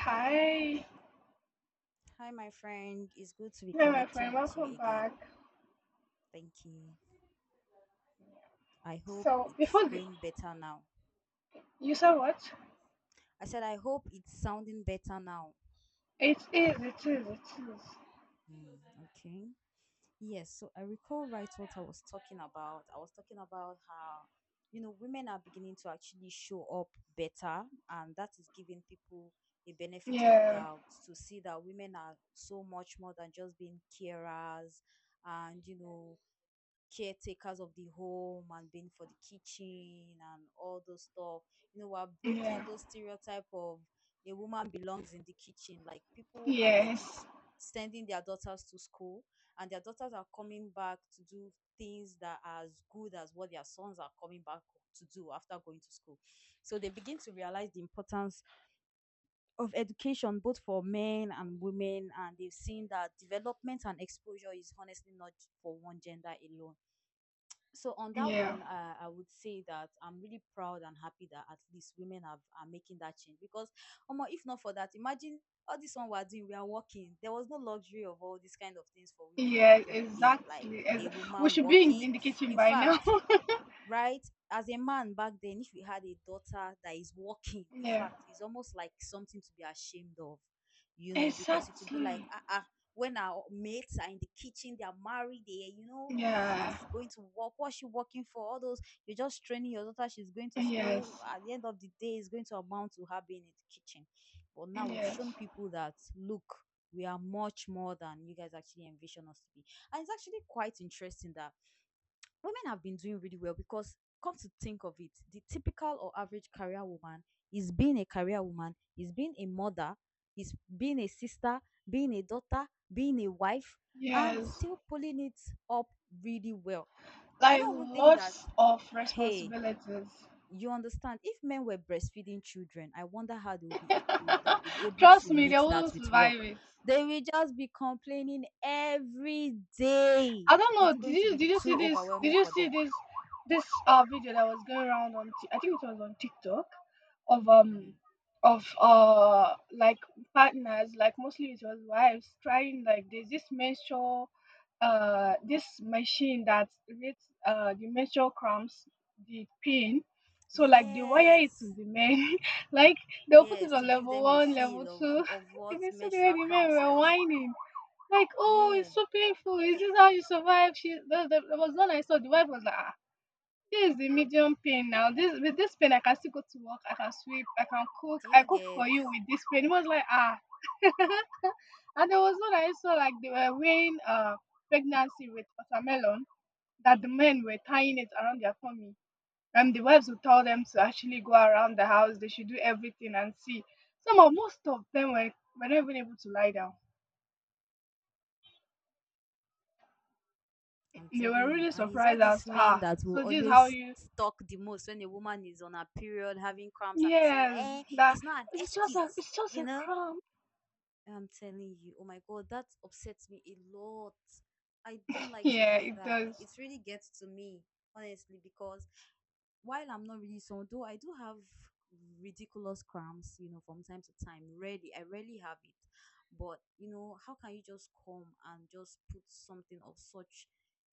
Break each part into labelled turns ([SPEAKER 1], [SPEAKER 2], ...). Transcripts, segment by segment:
[SPEAKER 1] Hi.
[SPEAKER 2] Hi, my friend. It's good to be
[SPEAKER 1] Hi, my friend.
[SPEAKER 2] connecting with you
[SPEAKER 1] Welcome
[SPEAKER 2] again.
[SPEAKER 1] back.
[SPEAKER 2] Thank you. I hope
[SPEAKER 1] So,
[SPEAKER 2] it's going better now.
[SPEAKER 1] you said what?
[SPEAKER 2] I said, I hope it's sounding better now.
[SPEAKER 1] It is, it is, it is.
[SPEAKER 2] Hmm, okay. Yes. So I recall right what I was talking about. I was talking about how, women are beginning to actually show up better, and that is giving people a benefit of
[SPEAKER 1] Yeah,
[SPEAKER 2] doubt to see that women are so much more than just being carers and caretakers of the home and being for the kitchen and all those stuff. We're
[SPEAKER 1] yeah,
[SPEAKER 2] breaking those stereotype of a woman belongs in the kitchen. Like people are legit
[SPEAKER 1] yes,
[SPEAKER 2] sending their daughters to school, and their daughters are coming back to do things that are as good as what their sons are coming back to do after going to school. So they begin to realize the importance of education both for men and women, and they've seen that development and exposure is honestly not for one gender alone. So on that
[SPEAKER 1] yeah,
[SPEAKER 2] one, I would say that I'm really proud and happy that at least women have are making that change. Because omo, if not for that, imagine. All this one we're doing, we are working. There was no luxury of all these kind of things for women
[SPEAKER 1] yeah,
[SPEAKER 2] back in the day. Like
[SPEAKER 1] exactly.
[SPEAKER 2] a
[SPEAKER 1] We
[SPEAKER 2] woman
[SPEAKER 1] should be in
[SPEAKER 2] working,
[SPEAKER 1] the kitchen
[SPEAKER 2] in
[SPEAKER 1] by now.
[SPEAKER 2] fact, right? As a man back then, if you had a daughter that is working, in
[SPEAKER 1] Yeah,
[SPEAKER 2] fact, it's almost like something to be ashamed of, you know, because it would be like,
[SPEAKER 1] exactly.
[SPEAKER 2] ah, ah, when our mates are in the kitchen, they are married, they, you know,
[SPEAKER 1] Yeah,
[SPEAKER 2] is going to work. What's she working for? All those, you're just training your daughter, she's going to school.
[SPEAKER 1] yes,
[SPEAKER 2] At the end of the day, it's going to amount to her being in the kitchen. But now we've shown
[SPEAKER 1] yes,
[SPEAKER 2] people that, look, we are much more than you guys actually envision us to be. And it's actually quite interesting that women have been doing really well. Because, come to think of it, the typical or average career woman, is being a career woman, is being a mother, is being a sister, being a daughter, being a wife, and
[SPEAKER 1] yes.
[SPEAKER 2] still pulling it up really well. I
[SPEAKER 1] Like
[SPEAKER 2] don't even think that,
[SPEAKER 1] lots of
[SPEAKER 2] hey,
[SPEAKER 1] responsibilities.
[SPEAKER 2] you understand, if men were breastfeeding children, I wonder how they would have been able
[SPEAKER 1] Trust
[SPEAKER 2] to
[SPEAKER 1] me, they
[SPEAKER 2] mix that
[SPEAKER 1] wouldn't
[SPEAKER 2] with work.
[SPEAKER 1] survive it.
[SPEAKER 2] They will just be complaining every day.
[SPEAKER 1] I don't know.
[SPEAKER 2] It's
[SPEAKER 1] Did
[SPEAKER 2] going to
[SPEAKER 1] you
[SPEAKER 2] be
[SPEAKER 1] did you see
[SPEAKER 2] too
[SPEAKER 1] this? Did
[SPEAKER 2] overwhelming
[SPEAKER 1] you
[SPEAKER 2] for
[SPEAKER 1] see
[SPEAKER 2] them.
[SPEAKER 1] this video that was going around I think it was on TikTok, of um
[SPEAKER 2] Mhm.
[SPEAKER 1] of like partners, like mostly it was wives trying. Like there's this menstrual, this machine that reads the menstrual cramps, the pain. So like they wire it to
[SPEAKER 2] Yes.
[SPEAKER 1] the men like they'll put it
[SPEAKER 2] Yes,
[SPEAKER 1] on
[SPEAKER 2] to give
[SPEAKER 1] level
[SPEAKER 2] them a
[SPEAKER 1] one, level
[SPEAKER 2] feel of
[SPEAKER 1] two.
[SPEAKER 2] of
[SPEAKER 1] If you may
[SPEAKER 2] what
[SPEAKER 1] see the way
[SPEAKER 2] menstrual
[SPEAKER 1] the men
[SPEAKER 2] cramps
[SPEAKER 1] were
[SPEAKER 2] is.
[SPEAKER 1] whining, like, oh,
[SPEAKER 2] Yeah.
[SPEAKER 1] it's so painful. Is this how you survive? There was one I saw. The wife was like, ah, this is the medium pain now. This, with this pain, I can still go to work. I can sweep. I can cook.
[SPEAKER 2] Do
[SPEAKER 1] I
[SPEAKER 2] you
[SPEAKER 1] cook for
[SPEAKER 2] get?
[SPEAKER 1] you with this pain. It was like, ah. And there was one I saw like they were weighing pregnancy with watermelon, that the men were tying it around their tummy. And the wives would tell them to actually go around the house, they should do everything and see. Some of Most of them were, not even able to lie down.
[SPEAKER 2] I'm
[SPEAKER 1] They were
[SPEAKER 2] telling you.
[SPEAKER 1] really
[SPEAKER 2] And it's all
[SPEAKER 1] surprised as
[SPEAKER 2] these
[SPEAKER 1] to
[SPEAKER 2] men
[SPEAKER 1] how.
[SPEAKER 2] that will
[SPEAKER 1] So this is how
[SPEAKER 2] always
[SPEAKER 1] you.
[SPEAKER 2] talk the most when a woman is on her period having cramps and be saying that,
[SPEAKER 1] Yes,
[SPEAKER 2] eh,
[SPEAKER 1] that,
[SPEAKER 2] it's not an excuse, you know?
[SPEAKER 1] um,
[SPEAKER 2] I'm telling you. Oh my God, that upsets me a lot. I don't like to
[SPEAKER 1] yeah,
[SPEAKER 2] hear
[SPEAKER 1] it
[SPEAKER 2] that.
[SPEAKER 1] does.
[SPEAKER 2] It really gets to me, honestly, because while I'm not really someone, though I do have ridiculous cramps, from time to time. Rarely, I rarely have it. But how can you just come and just put something of such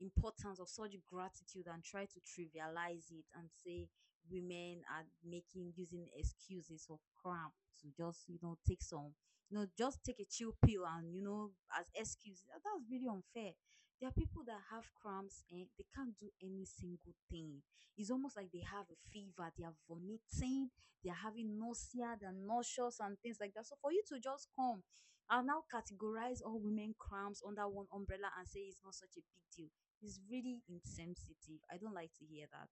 [SPEAKER 2] importance, of such gratitude, and try to trivialize it and say women are making, using excuses of cramp to just, take some, just take a chill pill and as excuse. That's really unfair. There are people that have cramps and they can't do any single thing. It's almost like they have a fever, they are vomiting, they are having nausea, they're nauseous, and things like that. So, for you to just come and now categorize all women cramps under one umbrella and say it's not such a big deal is really insensitive. I don't like to hear that.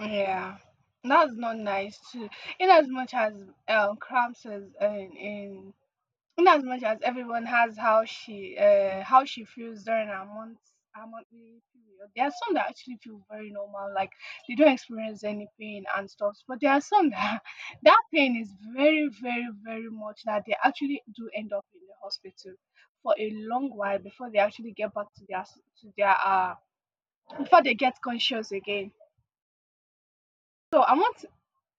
[SPEAKER 1] Yeah, that's not nice too. In as much as, cramps is in as much as everyone has how she feels during her monthly period. There are some that actually feel very normal, like they don't experience any pain and stuff. But there are some that that pain is very, very, very much that they actually do end up in the hospital for a long while before they actually get back to their s- to their before they get conscious again. So I want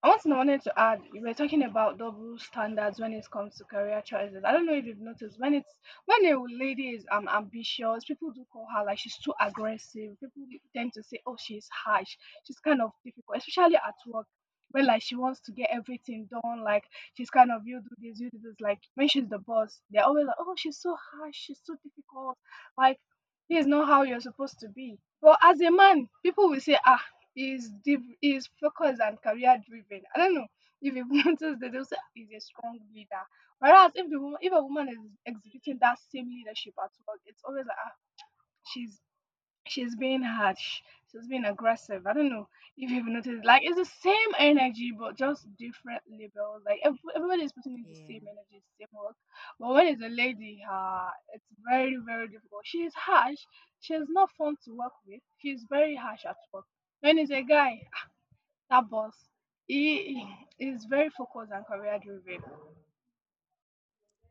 [SPEAKER 1] I want to know- wanted to add, you were talking about double standards when it comes to career choices. I don't know if you've noticed when it's when a lady is ambitious, people do call her like she's too aggressive. People tend to say, oh, she's harsh, she's kind of difficult, especially at work. When like she wants to get everything done, like she's kind of, you do this, you do this. Like when she's the boss, they're always like, oh, she's so harsh, she's so difficult. Like this is not how you're supposed to be. But as a man, people will say, ah, he's deep, he's focused and career driven. I don't know if you've noticed that they'll say, "Ah, he's a strong leader." Whereas if a woman is exhibiting that same leadership at work, it's always like, ah, she's, being harsh, she's being aggressive. I don't know if you've noticed. Like it's the same energy, but just different labels. Like everybody is putting in the same
[SPEAKER 2] Yeah.
[SPEAKER 1] energy, same work. But when it's a lady, it's very, very difficult. She is harsh. She's not fun to work with. She's very harsh at work. When it's a guy, that boss, he is very focused and career driven.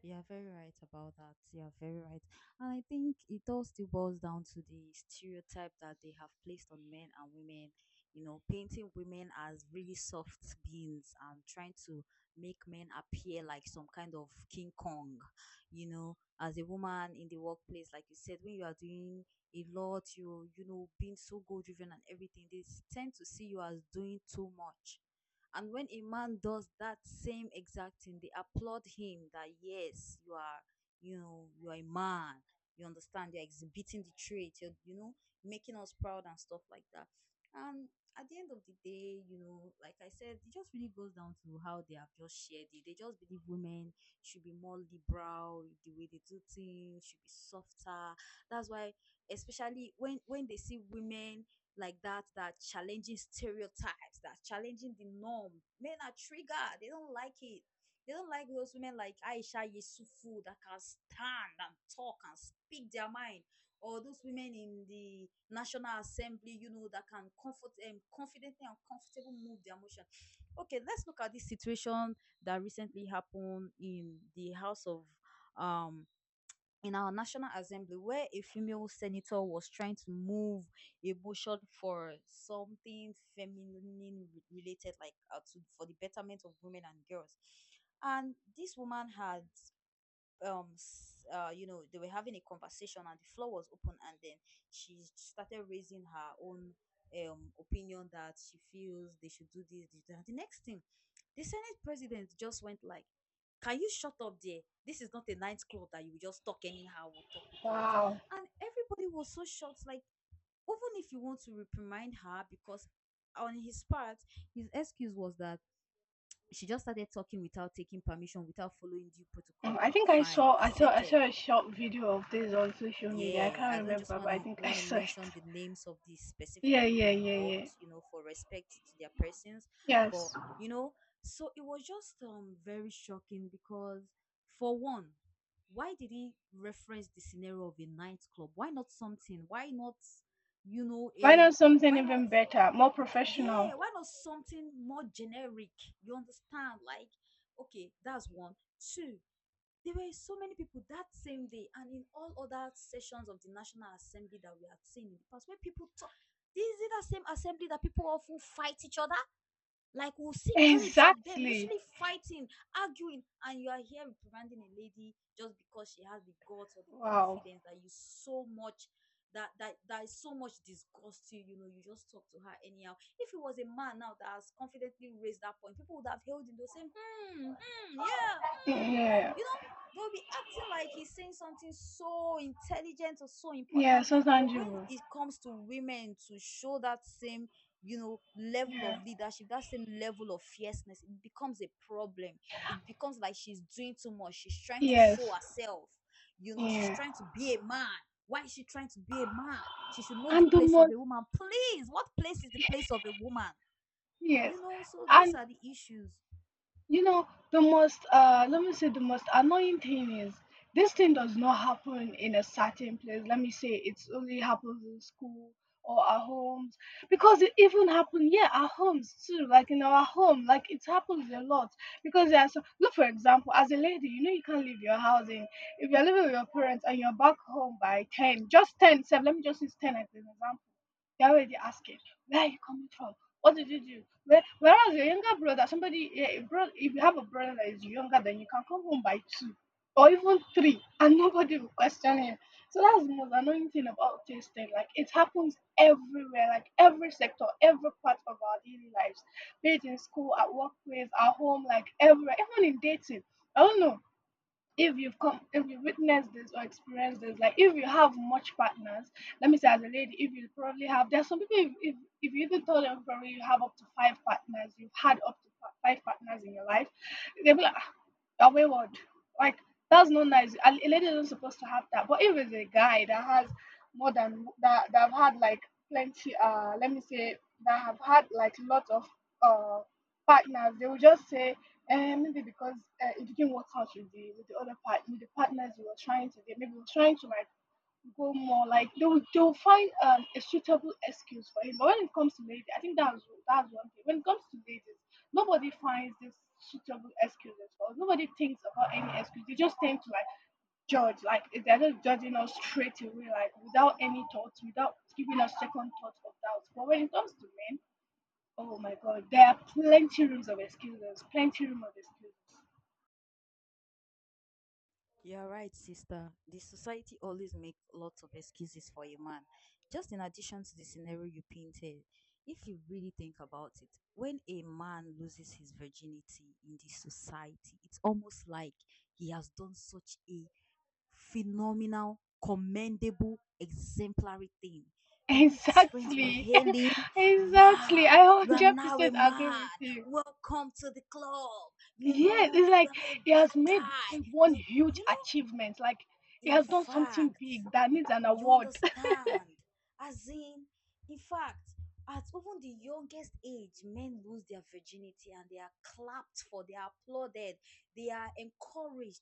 [SPEAKER 2] You're very right about that. You're very right. And I think it all still boils down to the stereotype that they have placed on men and women, painting women as really soft beings, and trying to make men appear like some kind of King Kong. As a woman in the workplace, like you said, when you are doing a lot, being so goal driven and everything, they tend to see you as doing too much. And when a man does that same exact thing, they applaud him that yes, you are, you are a man. You understand? You're exhibiting the trait. You're making us proud and stuff like that. And at the end of the day, like I said, it just really goes down to how they have just shared it. They just believe women should be more liberal, with the way they do things should be softer. That's why, especially when they see women like that challenging stereotypes, that challenging the norm. Men are triggered. They don't like it. They don't like those women like Aisha Yesufu that can stand and talk and speak their mind, or those women in the National Assembly, that can comfort confidently and comfortable move their emotion. Okay, let's look at this situation that recently happened in the House of um in our National Assembly, where a female senator was trying to move a motion for something feminine related, like, for the betterment of women and girls. And this woman had, they were having a conversation, and the floor was open, and then she started raising her own opinion that she feels they should do this, this that. The next thing, the senate president just went like, can you shut up there? This is not a nightclub that you will just talk anyhow or talk without.
[SPEAKER 1] Wow.
[SPEAKER 2] And everybody was so shocked. Like, even if you want to reprimand her, because on his part his excuse was that she just started talking without taking permission, without following due protocol.
[SPEAKER 1] I think
[SPEAKER 2] Fine,
[SPEAKER 1] I
[SPEAKER 2] accepted.
[SPEAKER 1] saw a short video of this on social media. I
[SPEAKER 2] Yeah,
[SPEAKER 1] can't
[SPEAKER 2] I don't just
[SPEAKER 1] remember,
[SPEAKER 2] want
[SPEAKER 1] but I
[SPEAKER 2] to
[SPEAKER 1] think I
[SPEAKER 2] want to
[SPEAKER 1] saw it.
[SPEAKER 2] mention the names of the specific
[SPEAKER 1] Yeah,
[SPEAKER 2] people
[SPEAKER 1] yeah, yeah, yeah.
[SPEAKER 2] involved, you know, for respect to their persons. But,
[SPEAKER 1] Yes.
[SPEAKER 2] you know, so it was just very shocking. Because, for one, why did he reference the scenario of a nightclub? Why not something? Why not, you know
[SPEAKER 1] Why not
[SPEAKER 2] a
[SPEAKER 1] something
[SPEAKER 2] why not?
[SPEAKER 1] even better, more professional?
[SPEAKER 2] Yeah, why not something more generic? You understand? Like, okay, that's one, two. There were so many people that same day and in all other sessions of the National Assembly that we had seen in the past, where people talk. This is it, the same assembly that people often fight each other, like we'll see clips of them
[SPEAKER 1] Exactly.
[SPEAKER 2] literally fighting, arguing, and you are here reprimanding a lady just because she has the guts or the
[SPEAKER 1] Wow.
[SPEAKER 2] confidence that you so much, that is so much disgust you. You know, you just talk to her anyhow. If it was a man now that has confidently raised that point, people would have held him. They'll say, hmm, hmm, yeah, hmm.
[SPEAKER 1] Yeah.
[SPEAKER 2] You know, they'll be acting like he's saying something so intelligent or so
[SPEAKER 1] Yeah,
[SPEAKER 2] important.
[SPEAKER 1] so
[SPEAKER 2] But when
[SPEAKER 1] tangible.
[SPEAKER 2] it comes to women to show that same, level of
[SPEAKER 1] Yeah.
[SPEAKER 2] leadership, that same level of fierceness, it becomes a problem. It becomes like she's doing too much, she's trying to show
[SPEAKER 1] Yes.
[SPEAKER 2] herself, she's
[SPEAKER 1] Yeah.
[SPEAKER 2] trying to be a man. Why is she trying to be a man? She should know the
[SPEAKER 1] And the
[SPEAKER 2] place of
[SPEAKER 1] most,
[SPEAKER 2] a woman. Please, what place is the place of a woman?
[SPEAKER 1] yes.
[SPEAKER 2] You know, so those
[SPEAKER 1] And.
[SPEAKER 2] are the issues.
[SPEAKER 1] You know, the most, let me say, the most annoying thing is, this thing does not happen in a certain place. Let me say it's only happens in school or our homes, because it even happened, yeah, our homes too, like in our home, like it happens a lot. Because there are some, look, for example, as a lady, you know, you can't leave your house in if you're living with your parents and you're back home by 10, just 10, so let me just use 10 as an example. They're already asking, where are you coming from? What did you do? Whereas your younger brother, somebody, yeah, a bro, if you have a brother that is younger, then you can come home by two or even three and nobody will question him. So that's the most annoying thing about this thing. Like it happens everywhere, like every sector, every part of our daily lives. Be it in school, at workplace, at home, like everywhere, even in dating. I don't know if you've witnessed this or experienced this, like if you have much partners. Let me say, as a lady, if you probably have, there's some people, if you even told them probably you have up to five partners, you've had five partners in your life, they'll be like, "Ah, you're wayward, like that's not nice, a lady isn't supposed to have that." But if it's a guy that has more than that, that have had like plenty, let me say, that have had like lots of uh partners, they will just say, maybe because, it didn't work out with the other part, with the partners we were trying to get. Maybe we were trying to like go more, like they will find, a suitable excuse for him. But when it comes to ladies, I think that's one thing. When it comes to ladies, nobody finds this suitable excuses for us. Nobody thinks about any excuse. They just tend to like judge. Like they're just judging us straight away, like without any thoughts, without giving us second thoughts or doubts. But when it comes to men, oh my god, there are plenty rooms of excuses, plenty room of excuses.
[SPEAKER 2] You're right, sister. The society always makes lots of excuses for a man. Just in addition to the scenario you painted, if you really think about it, when a man loses his virginity in the society, it's almost like he has done such a phenomenal, commendable, exemplary thing. The way his friends will
[SPEAKER 1] Exactly.
[SPEAKER 2] hail him,
[SPEAKER 1] Exactly.
[SPEAKER 2] wow,
[SPEAKER 1] I
[SPEAKER 2] you are now a
[SPEAKER 1] 100% agree
[SPEAKER 2] man.
[SPEAKER 1] with you.
[SPEAKER 2] Welcome to the club. You
[SPEAKER 1] Yes,
[SPEAKER 2] know,
[SPEAKER 1] it's
[SPEAKER 2] you
[SPEAKER 1] like
[SPEAKER 2] are not a
[SPEAKER 1] he has
[SPEAKER 2] bad
[SPEAKER 1] made a
[SPEAKER 2] guy.
[SPEAKER 1] one
[SPEAKER 2] You
[SPEAKER 1] huge
[SPEAKER 2] you know
[SPEAKER 1] achievement. Like he
[SPEAKER 2] in
[SPEAKER 1] has done something
[SPEAKER 2] fact,
[SPEAKER 1] big that needs an
[SPEAKER 2] you
[SPEAKER 1] award.
[SPEAKER 2] understand, as in fact, at even the youngest age, men lose their virginity and they are clapped for, they are applauded, they are encouraged.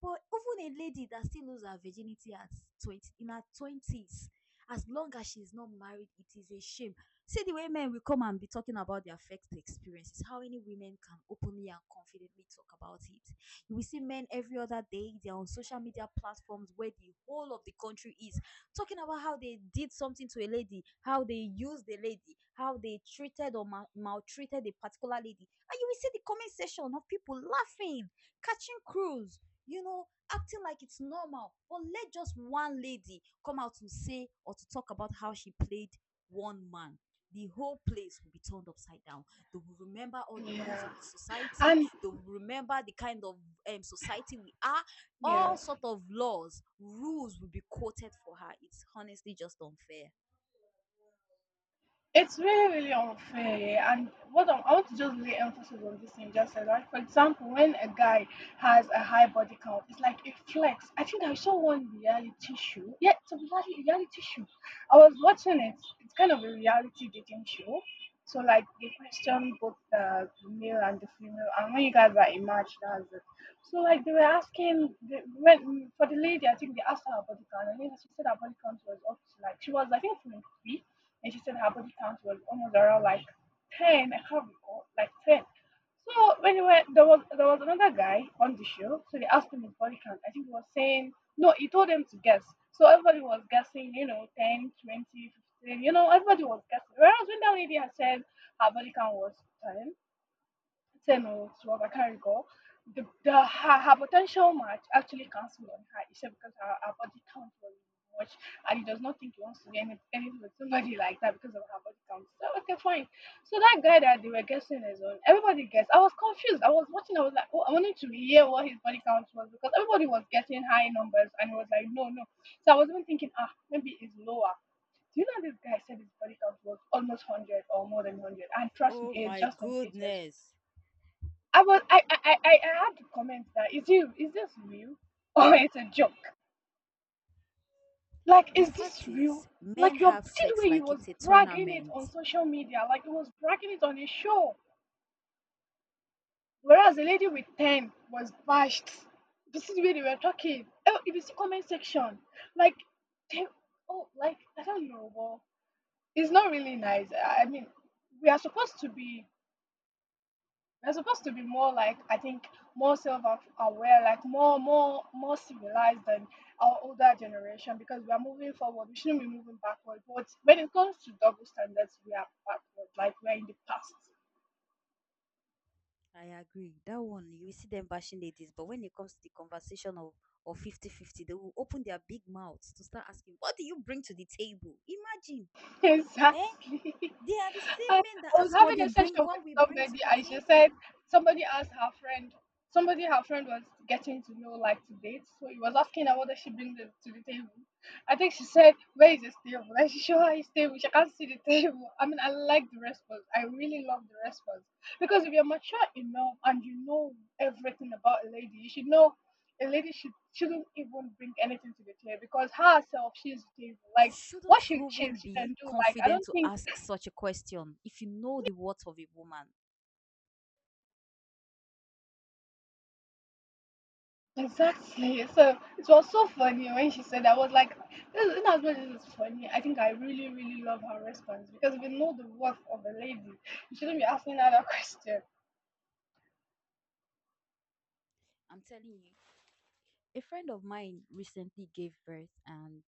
[SPEAKER 2] But even a lady that still loses her virginity at 20, in her 20s, as long as she's not married, it is a shame. See the way men will come and be talking about their first experiences. How any women can openly and confidently talk about it? You will see men every other day. They're on social media platforms where the whole of the country is talking about how they did something to a lady, how they used the lady, how they treated or maltreated a particular lady. And you will see the comment section of people laughing, catching crews, you know, acting like it's normal. But let just one lady come out to say or to talk about how she played one man. The whole place will be turned upside down. They will remember all the rules of
[SPEAKER 1] Yeah.
[SPEAKER 2] the society.
[SPEAKER 1] And
[SPEAKER 2] They will remember the kind of society we are. All
[SPEAKER 1] yes.
[SPEAKER 2] sort of laws, rules will be quoted for her. It's honestly just unfair.
[SPEAKER 1] It's really, really unfair. And what I want to just lay emphasis on this thing just said, like, for example, when a guy has a high body count, it's like a flex. I think I saw one reality show. Yeah, it's a reality show. I was watching it. It's kind of a reality dating show. So, like, they question both the male and the female, and when you guys are a match, that's it. So, like, they were asking, they went, for the lady, I think they asked her about the count, and then she said her body count was up to, like, she was, I think, 23, and she said her body count was almost around like 10. I can't recall, like 10. So there was another guy on the show, so they asked him his body count. I think he was saying no. He told them to guess. So everybody was guessing, you know, 10, 20, 15. You know, everybody was guessing. Whereas when that lady had said her body count was 10, ten or twelve, I can't recall. The Her, potential match actually cancelled on her, except because her body count was much, and he does not think he wants to be anything with somebody like that because of her body count. So okay, fine. So that guy that they were guessing is on, everybody guessed. I was confused. I was watching, I was like, oh, I wanted to hear what his body count was, because everybody was guessing high numbers and it was like, no, no. So I was even thinking, ah, maybe it's lower. Do you know this guy said his body count was almost 100 or more than 100? And trust me,
[SPEAKER 2] Oh
[SPEAKER 1] he is
[SPEAKER 2] my
[SPEAKER 1] just 28 years.
[SPEAKER 2] goodness.
[SPEAKER 1] I was I had to comment, that is you is this real or it's a joke? Like,
[SPEAKER 2] The
[SPEAKER 1] is this
[SPEAKER 2] fact
[SPEAKER 1] real?
[SPEAKER 2] is, men
[SPEAKER 1] Like, your
[SPEAKER 2] have
[SPEAKER 1] see the way
[SPEAKER 2] sex
[SPEAKER 1] he
[SPEAKER 2] like
[SPEAKER 1] was
[SPEAKER 2] it's a
[SPEAKER 1] bragging it
[SPEAKER 2] tournament.
[SPEAKER 1] on social media, like he was bragging it on a show. Whereas the lady with 10 was bashed. This is where they were talking. Oh, it is comment section. Like they, oh, like I don't know, but it's not really nice. I mean, we are supposed to be we're supposed to be more, like I think, more self aware, like more, more, more civilized than our older generation, because we are moving forward. We shouldn't be moving backward. But when it comes to double standards, we are backward. Like we are in the past.
[SPEAKER 2] I agree. That one, you will see them bashing ladies, but when it comes to the conversation of or 50-50, they will open their big mouths to start asking, "What do you bring to the table?" Imagine, eh?
[SPEAKER 1] Exactly.
[SPEAKER 2] They are the
[SPEAKER 1] I,
[SPEAKER 2] same men
[SPEAKER 1] I
[SPEAKER 2] that
[SPEAKER 1] was
[SPEAKER 2] ask what
[SPEAKER 1] having
[SPEAKER 2] they
[SPEAKER 1] a session
[SPEAKER 2] bring,
[SPEAKER 1] with
[SPEAKER 2] what we bring to
[SPEAKER 1] somebody
[SPEAKER 2] the
[SPEAKER 1] and she said
[SPEAKER 2] table.
[SPEAKER 1] somebody asked her friend, somebody her friend was getting to know, like, to date. So he was asking her what does she bring to the table. I think she said, "Where is this table?" And she showed her his table. She can't see the table. I mean, I like the response. I really love the response. Because if you're mature enough and you know everything about a lady, you should know a lady shouldn't even bring anything to the table because herself, she's the table.
[SPEAKER 2] You
[SPEAKER 1] Like what
[SPEAKER 2] shouldn't
[SPEAKER 1] she she,
[SPEAKER 2] even
[SPEAKER 1] she
[SPEAKER 2] be
[SPEAKER 1] can do, like I
[SPEAKER 2] confident
[SPEAKER 1] don't
[SPEAKER 2] to
[SPEAKER 1] think.
[SPEAKER 2] ask such a question if you know the worth of a woman.
[SPEAKER 1] Exactly. So it was so funny when she said that. I was like, this, in as much as it's funny, I think I really, really love her response because we know the worth of a lady. You shouldn't be asking her that question.
[SPEAKER 2] I'm telling you. A friend of mine recently gave birth, and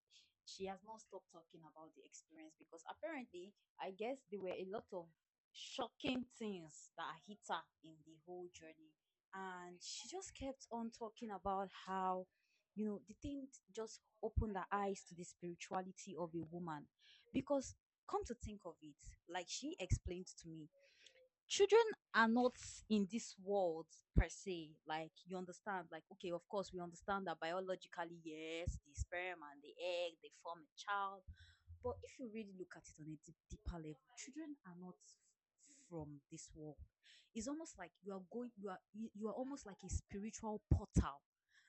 [SPEAKER 2] she has not stopped talking about the experience, because apparently, I guess there were a lot of shocking things that hit her in the whole journey. And she just kept on talking about how, you know, the thing just opened her eyes to the spirituality of a woman. Because, come to think of it, like she explained to me, children are not in this world per se. Like, you understand, like, okay, of course we understand that biologically yes, the sperm and the egg, they form a child, but if you really look at it on a deep, deeper level, children are not from this world. It's almost like you are going, you are almost like a spiritual portal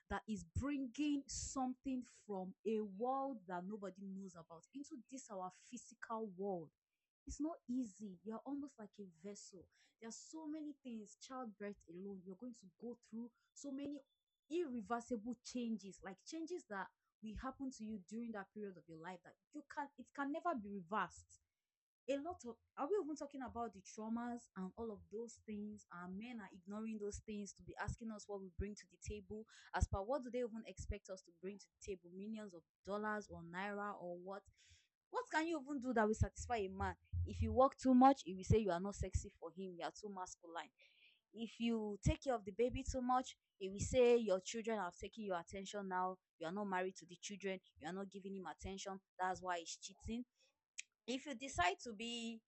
[SPEAKER 2] that is bringing something from a world that nobody knows about into this our physical world. It's not easy. You're almost like a vessel. There are so many things. Childbirth alone, you're going to go through so many irreversible changes, like changes that will happen to you during that period of your life that you can, it can never be reversed. A lot of, are we even talking about the traumas and all of those things? And men are ignoring those things to be asking us what we bring to the table. As per, what do they even expect us to bring to the table? Millions of dollars, or naira, or what? What can you even do that will satisfy a man? If you work too much, he will say you are not sexy for him, you are too masculine. If you take care of the baby too much, he will say your children have taken your attention, now you are not married to the children, you are not giving him attention, that's why he's cheating. If you decide to be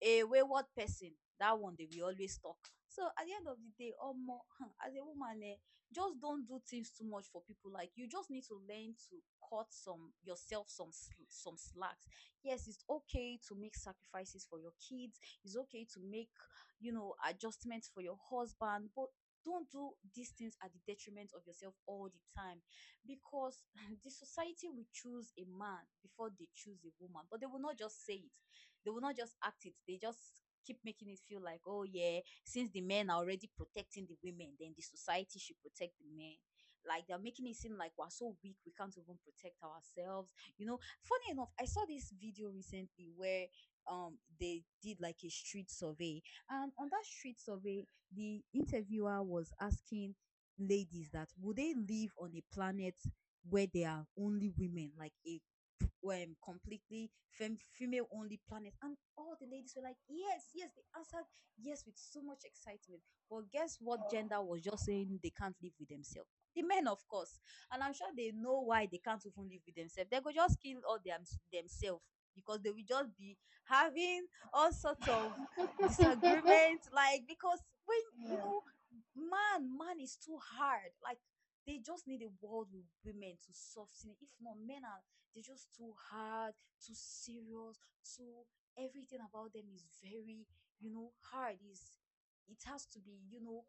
[SPEAKER 2] a wayward person, that one they will always talk. So at the end of the day or more, as a woman, eh, just don't do things too much for people. Like, you just need to learn to cut some yourself some some slacks. Yes, it's okay to make sacrifices for your kids, it's okay to make, you know, adjustments for your husband, but don't do these things at the detriment of yourself all the time, because the society will choose a man before they choose a woman, but they will not just say it, they will not just act it. They just keep making it feel like, oh yeah, since the men are already protecting the women, then the society should protect the men. Like, they're making it seem like we're so weak, we can't even protect ourselves. You know, funny enough, I saw this video recently where they did like a street survey, and on that street survey, the interviewer was asking ladies that would they live on a planet where there are only women, like a completely female only planet. And all the ladies were like, yes, yes, they answered yes with so much excitement. But guess what
[SPEAKER 1] Oh,
[SPEAKER 2] gender was just saying they can't live with themselves? The men, of course. And I'm sure they know why they can't even live with themselves. They could just kill all themselves, because they will just be having all sorts of disagreements. Like, because when, you
[SPEAKER 1] yeah.
[SPEAKER 2] know, man, man is too hard. Like, they just need a world with women to soften it. If not, men are, they're just too hard, too serious, too, everything about them is very, you know, hard. Is, it has to be, you know,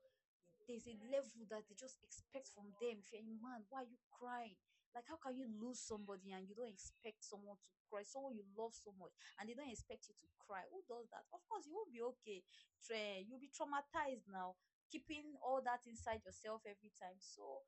[SPEAKER 2] there's a level that they just expect from them. If you're a man, why are you crying? Like, how can you lose somebody and you don't expect someone to cry? Someone you love so much, and they don't expect you to cry. Who does that? Of course you won't be okay. You'll be traumatized now, keeping all that inside yourself every time. So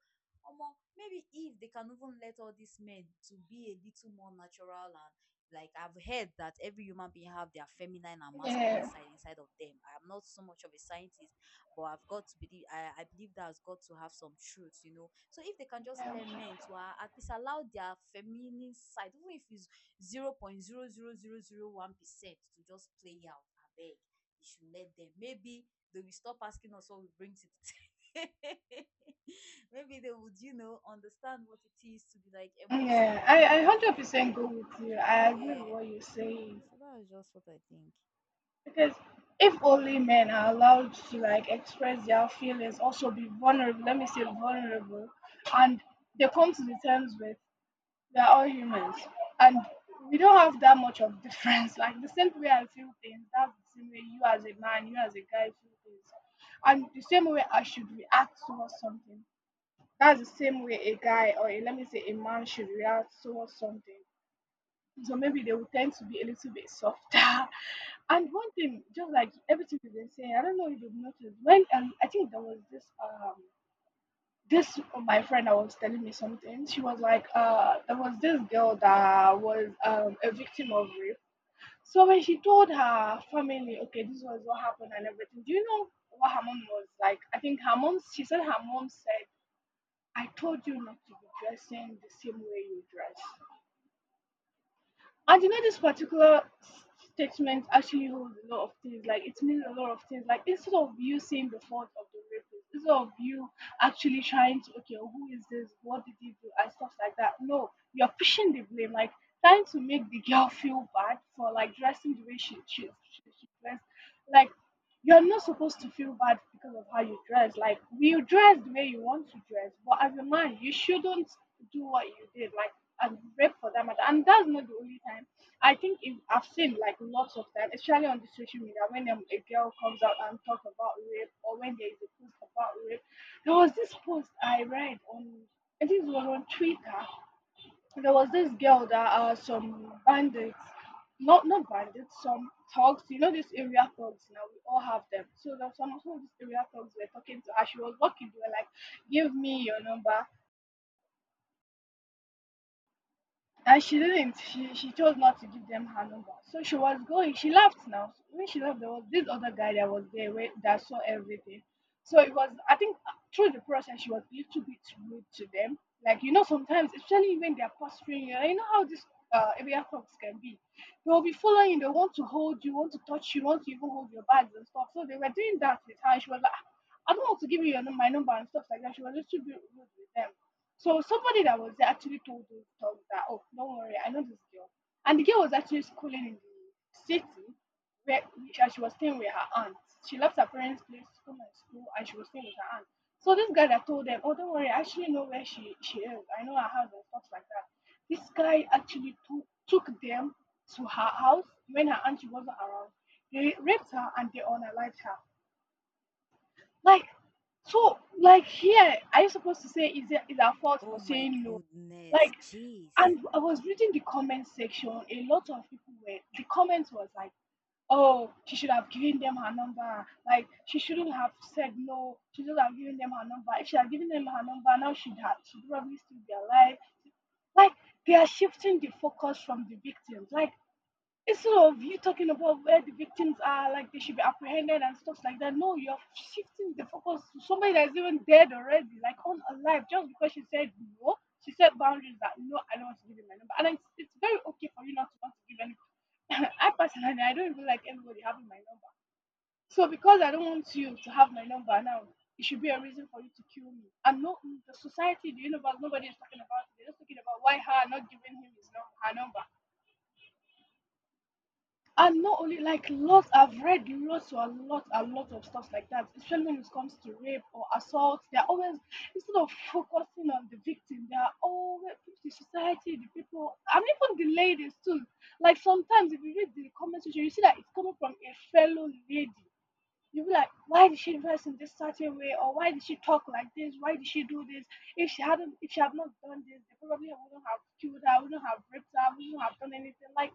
[SPEAKER 2] Omo, maybe if they can even let all these men to be a little more natural, and like, I've heard that every human being have their feminine and masculine
[SPEAKER 1] Yeah.
[SPEAKER 2] side inside of them. I'm not so much of a scientist, but I've got to believe, I believe that's got to have some truth, you know. So if they can just
[SPEAKER 1] Yeah.
[SPEAKER 2] let men to at least allow their feminine side, even if it's 0.0000 1%, to just play out, I beg. You should let them. Maybe they will stop asking us what we bring to the table. Maybe they would, you know, understand what it is to be like
[SPEAKER 1] Yeah. I,
[SPEAKER 2] emotional
[SPEAKER 1] I
[SPEAKER 2] and
[SPEAKER 1] 100% go with you. I agree with
[SPEAKER 2] yeah.
[SPEAKER 1] what you're saying.
[SPEAKER 2] So that's just what I think.
[SPEAKER 1] Because if only men are allowed to, like, express their feelings, also be vulnerable, let me say vulnerable, and they come to the terms with, we are all humans, and we don't have that much of difference. Like the same way I feel things, that's the same way you as a man, you as a guy feel things, and the same way I should react towards something. That's the same way a guy or a, let me say a man should react towards something. So maybe they will tend to be a little bit softer. And one thing, just like everything you've been saying, I don't know if you've noticed when I think there was this this my friend that was telling me something. She was like, there was this girl that was a victim of rape. So when she told her family, okay, this was what happened and everything, do you know what her mom was like? I think her mom, she said, her mom said, "I told you not to be dressing the same way you dress." And you know, this particular statement actually holds a lot of things. Like it means a lot of things. Like instead of you seeing the fault of the rapist, instead of you actually trying to, okay, who is this? What did he do? And stuff like that. No, you're pushing the blame. Like trying to make the girl feel bad for like dressing the way she dressed. Like you're not supposed to feel bad because of how you dress. Like you dress the way you want to dress, but as a man, you shouldn't do what you did, like, and rape for that matter. And that's not the only time. I think if, I've seen like lots of times, especially on the social media, when a girl comes out and talks about rape, or when there is a post about rape. There was this post I read on, I think it was on Twitter, there was this girl that some bandits, not bandits, some thugs. You know these area thugs now. We all have them. So there was some of these area thugs were talking to her. She was walking. They were like, "Give me your number," and she didn't. She chose not to give them her number. So she was going. She left now. When she left, there was this other guy that was there where, that saw everything. So it was, I think, through the process, she was a little bit rude to them. Like, you know, sometimes, especially when they're posturing you, and you know how these area thugs can be. They'll be following you. They want to hold you, want to touch you, want to even hold your bags and stuff. So they were doing that with her. She was like, "Ah, I don't want to give you your, my number," and stuff like that. She was a little bit rude with them. So somebody that was there actually told those thugs that, oh, don't worry, I know this girl. And the girl was actually schooling in the city where which, and she was staying with her aunt. She left her parents' place to come and school, and she was staying with her aunt. So this guy that told them, "Oh, don't worry, I actually know where she is. I know her house," and stuff like that. This guy actually took them to her house when her auntie wasn't around. They raped her and they unalived her. Like, so, like here, are you supposed to say is it, is our fault for
[SPEAKER 2] Oh my
[SPEAKER 1] saying no? Like,
[SPEAKER 2] goodness, jeez.
[SPEAKER 1] and I was reading the comment section. A lot of people were, the comments was like, "Oh, she should have given them her number. Like, she shouldn't have said no. She should have given them her number. If she had given them her number, now she'd probably still be alive." Like, they are shifting the focus from the victims. Like, instead of you talking about where the victims are, like they should be apprehended and stuff like that, no, you're shifting the focus to somebody that's even dead already, like on alive, just because she said no, she set boundaries that no, I don't want to give you my number, and it's very okay for you not to want to give any. I personally, I don't even like everybody having my number. So because I don't want you to have my number now, it should be a reason for you to kill me. And no, the society, the universe, nobody is talking about it. They're just talking about why her not giving him his number, her number. And not only like
[SPEAKER 2] Hmm.
[SPEAKER 1] lots, I've read lots, or a lot of stuff like that, especially when it comes to rape or assault. They're always, instead of focusing on the victim, they are always, the society, the people, and even the ladies too. Like sometimes if you read the comment section, you see that it's coming from a fellow lady. You'll be like, why did she dress in this certain way, or why did she talk like this? Why did she do this? If she had not done this, they probably wouldn't have killed her, wouldn't have raped her, wouldn't have done anything. Like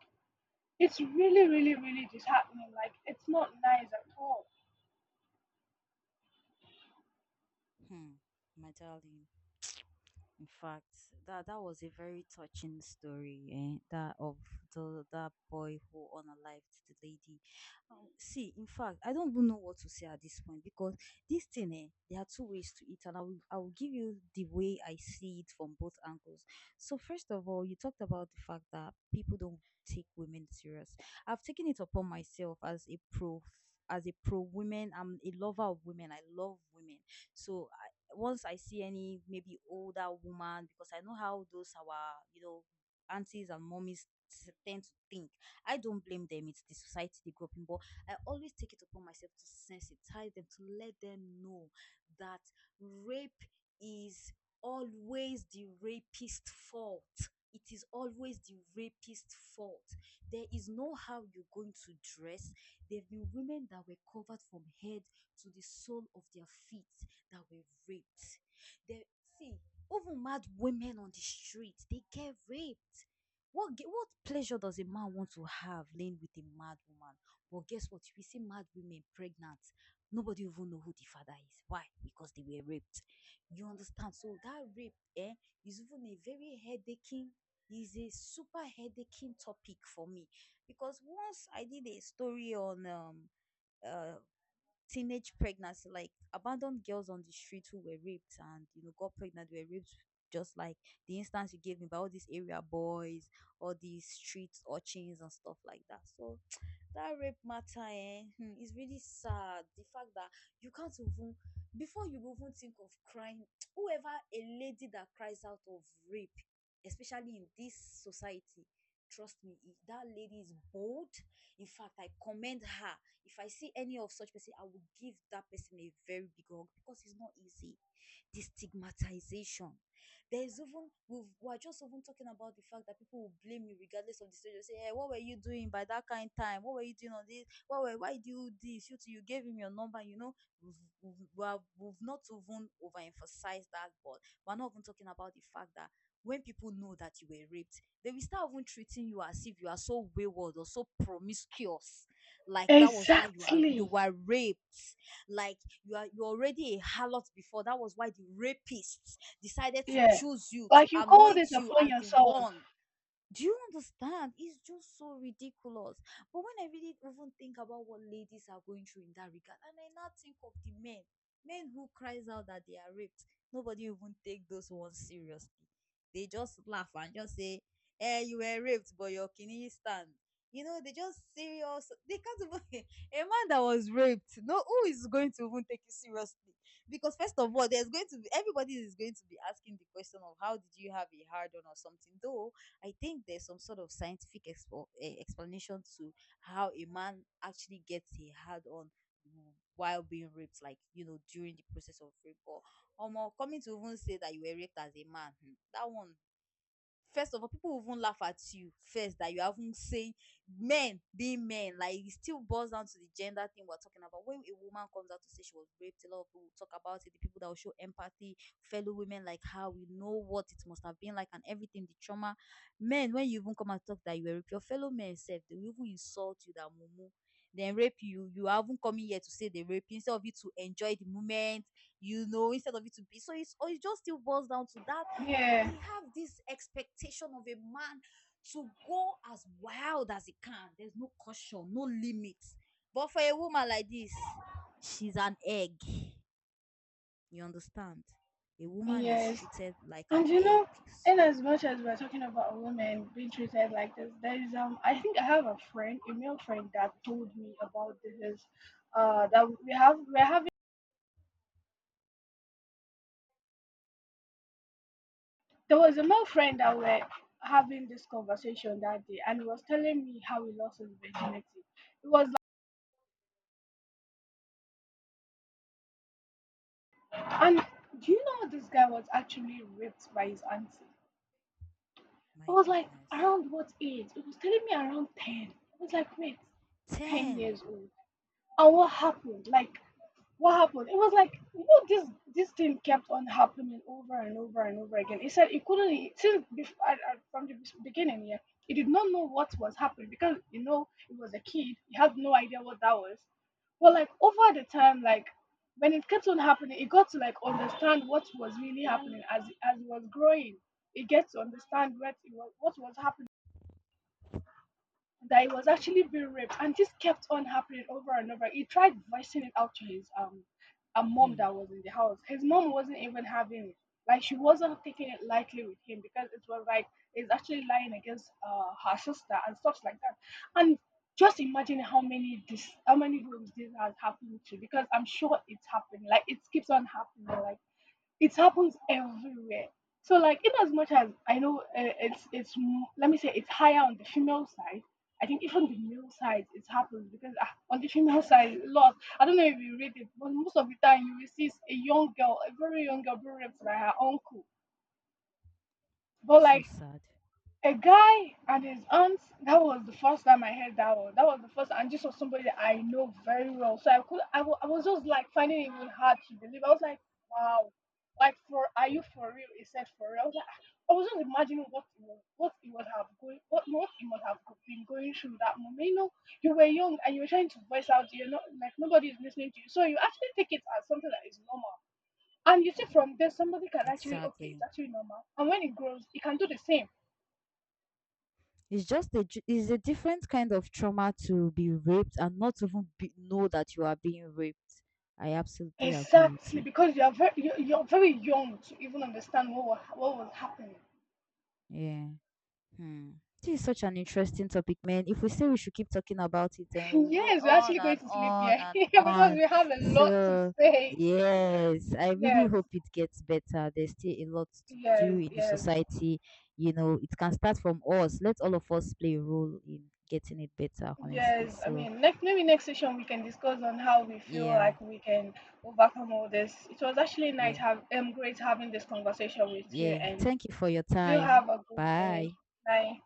[SPEAKER 1] it's really, really, really disheartening. Like, it's not nice at all.
[SPEAKER 2] Hmm. My darling. In fact, that was a very touching story, eh? That of the that boy who unalived the lady. See, in fact, I don't even know what to say at this point, because this thing, eh, there are two ways to it, and I will give you the way I see it from both angles. So first of all, you talked about the fact that people don't take women serious. I've taken it upon myself as a pro women. I'm a lover of women. I love women. So once I see any maybe older woman, because I know how those our, you know, aunties and mummies tend to think. I don't blame them, it's the society they grew up in, but I always take it upon myself to sensitize them, to let them know that rape is always the rapist's fault. It is always the rapist's fault. There is no how you're going to dress. There have been women that were covered from head to the sole of their feet that were raped. They see, even mad women on the street, they get raped. What pleasure does a man want to have laying with a mad woman? But guess what? We see mad women pregnant. Nobody even know who the father is. Why? Because they were raped. You understand? So that rape, eh, is even a very headaching. Is a super headaching topic for me, because once I did a story on uh teenage pregnancy, like abandoned girls on the street who were raped and you know got pregnant, were raped, just like the instance you gave me by all these area boys, all these street urchins and stuff like that. So that rape matter, eh, hmm, is really sad. The fact that you can't even, before you even think of crying, whoever a lady that cries out of rape, especially in this society, trust me, if that lady is bold. In fact, I commend her. If I see any of such person, I will give that person a very big hug, because it's not easy. The stigmatization, there is, even we've, we're just even talking about the fact that people will blame you regardless of the situation. Say, hey, what were you doing by that kind time? What were you doing on this? What were, why do you do this? You gave him your number. You know, we've, we are- we've not even overemphasized that, but we're not even talking about the fact that when people know that you were raped, they will start even treating you as if you are so wayward or so promiscuous. Like that was why you are, you
[SPEAKER 1] Exactly.
[SPEAKER 2] were raped. Like, you are, you already a harlot before. That was why the rapists decided to
[SPEAKER 1] Yeah.
[SPEAKER 2] choose you, to
[SPEAKER 1] Like, you call this
[SPEAKER 2] anoint you
[SPEAKER 1] upon
[SPEAKER 2] as the
[SPEAKER 1] yourself.
[SPEAKER 2] one, do you understand? It's just so ridiculous. But when I really even think about what ladies are going through in that regard, and I now think of the men, men who cries out that they are raped, nobody even take those ones seriously. They just laugh and just say, "Eh, you were raped, but your kidney stand." You know, they just serious. They can't even, a man that was raped. No, who is going to even take you seriously? Because first of all, there's going to be, everybody is going to be asking the question of how did you have a hard on or something. Though I think there's some sort of scientific explanation to how a man actually gets a hard on while being raped, like you know, during the process of rape. Or more, coming to even say that you were raped as a man, hmm, that one, first of all, people will even laugh at you first that you haven't saying men being men. Like, it still boils down to the gender thing we're talking about. When a woman comes out to say she was raped, a lot of people will talk about it. The people that will show empathy, fellow women, like how we know what it must have been like and everything, the trauma. Men, when you even come and talk that you were raped, your fellow men said they will even insult you that mumu. Then rape you. You haven't come in here to say they rape you. Instead of you to enjoy the moment, you know, instead of you to be, so it's, or it just still boils down to that
[SPEAKER 1] Yeah.
[SPEAKER 2] they have this expectation of a man to go as wild as he can. There's no caution, no limits. But for a woman like this, she's an egg. You understand? A woman is
[SPEAKER 1] Yes.
[SPEAKER 2] treated like
[SPEAKER 1] And
[SPEAKER 2] an
[SPEAKER 1] you
[SPEAKER 2] egg.
[SPEAKER 1] know, in
[SPEAKER 2] So,
[SPEAKER 1] as much as we're talking about women being treated like this, there is, I think I have a friend, a male friend that told me about this. That we have, we're having, There was a male friend that we're having this conversation that day, and he was telling me how he lost his virginity. It was. And do you know this guy was actually raped by his auntie? I
[SPEAKER 2] my
[SPEAKER 1] was like,
[SPEAKER 2] goodness.
[SPEAKER 1] around what age? It was telling me around 10. I was like, wait, 10
[SPEAKER 2] 10.
[SPEAKER 1] years old. And what happened? Like, what happened? It was like, you know this, this thing kept on happening over and over and over again. He said he couldn't he- since before, from the beginning. Yeah, he did not know what was happening because you know he was a kid. He had no idea what that was. But like over the time, like when it kept on happening, he got to like understand what was really happening as he was growing. He gets to understand what it was, what was happening, that he was actually being raped, and this kept on happening over and over. He tried voicing it out to his a mom
[SPEAKER 2] Hmm.
[SPEAKER 1] that was in the house. His mom wasn't even having it. Like she wasn't taking it lightly with him, because it was like he's actually lying against her sister and stuff like that. And just imagine how many homes this has happened to, because I'm sure it's happening. Like it keeps on happening. Like it happens everywhere. So like in as much as I know, it's let me say it's higher on the female side. I think even the male side it happens, because ah, on the female side a lot. I don't know if you read it, but most of the time you will see a young girl, a very young girl being raped by her uncle. But
[SPEAKER 2] So
[SPEAKER 1] like
[SPEAKER 2] sad.
[SPEAKER 1] a guy and his aunt. That was the first time I heard that one. That was the first, and this was somebody that I know very well. So I could, I was just like finding it even hard to believe. I was like, wow, like for, are you for real? He said for real. I was like, ah. I was just imagining what he was, what he would have going, what he must have been going through that moment. You know, you were young and you were trying to voice out. You're not like, nobody is listening to you, so you actually take it as something that is normal. And you see, from there, somebody can actually, okay, it's
[SPEAKER 2] Exactly.
[SPEAKER 1] actually normal. And when it grows, it can do the same.
[SPEAKER 2] It's just a, it's a different kind of trauma to be raped and not even be, know that you are being raped. I absolutely agree with
[SPEAKER 1] Exactly,
[SPEAKER 2] you.
[SPEAKER 1] because you are very you, you're very young to even understand what was happening.
[SPEAKER 2] Yeah. Hmm. This is such an interesting topic, man. If we say we should keep talking about it, then we'll go
[SPEAKER 1] Yes, we're
[SPEAKER 2] on
[SPEAKER 1] actually going
[SPEAKER 2] and
[SPEAKER 1] to sleep
[SPEAKER 2] on
[SPEAKER 1] here
[SPEAKER 2] and
[SPEAKER 1] because
[SPEAKER 2] on.
[SPEAKER 1] we have a lot to
[SPEAKER 2] So,
[SPEAKER 1] say.
[SPEAKER 2] yes, I really
[SPEAKER 1] Yes,
[SPEAKER 2] hope it gets better. There's still a lot to do
[SPEAKER 1] yes,
[SPEAKER 2] in the
[SPEAKER 1] yes,
[SPEAKER 2] society. You know, it can start from us. Let all of us play a role in getting it better, honestly.
[SPEAKER 1] yes. I
[SPEAKER 2] So,
[SPEAKER 1] mean, next, maybe next session we can discuss on how we feel
[SPEAKER 2] yeah,
[SPEAKER 1] like we can overcome all this. It was actually nice
[SPEAKER 2] yeah,
[SPEAKER 1] have great having this conversation with you,
[SPEAKER 2] yeah.
[SPEAKER 1] and
[SPEAKER 2] Thank you for your
[SPEAKER 1] do
[SPEAKER 2] time.
[SPEAKER 1] have a good day.
[SPEAKER 2] Bye.
[SPEAKER 1] Bye.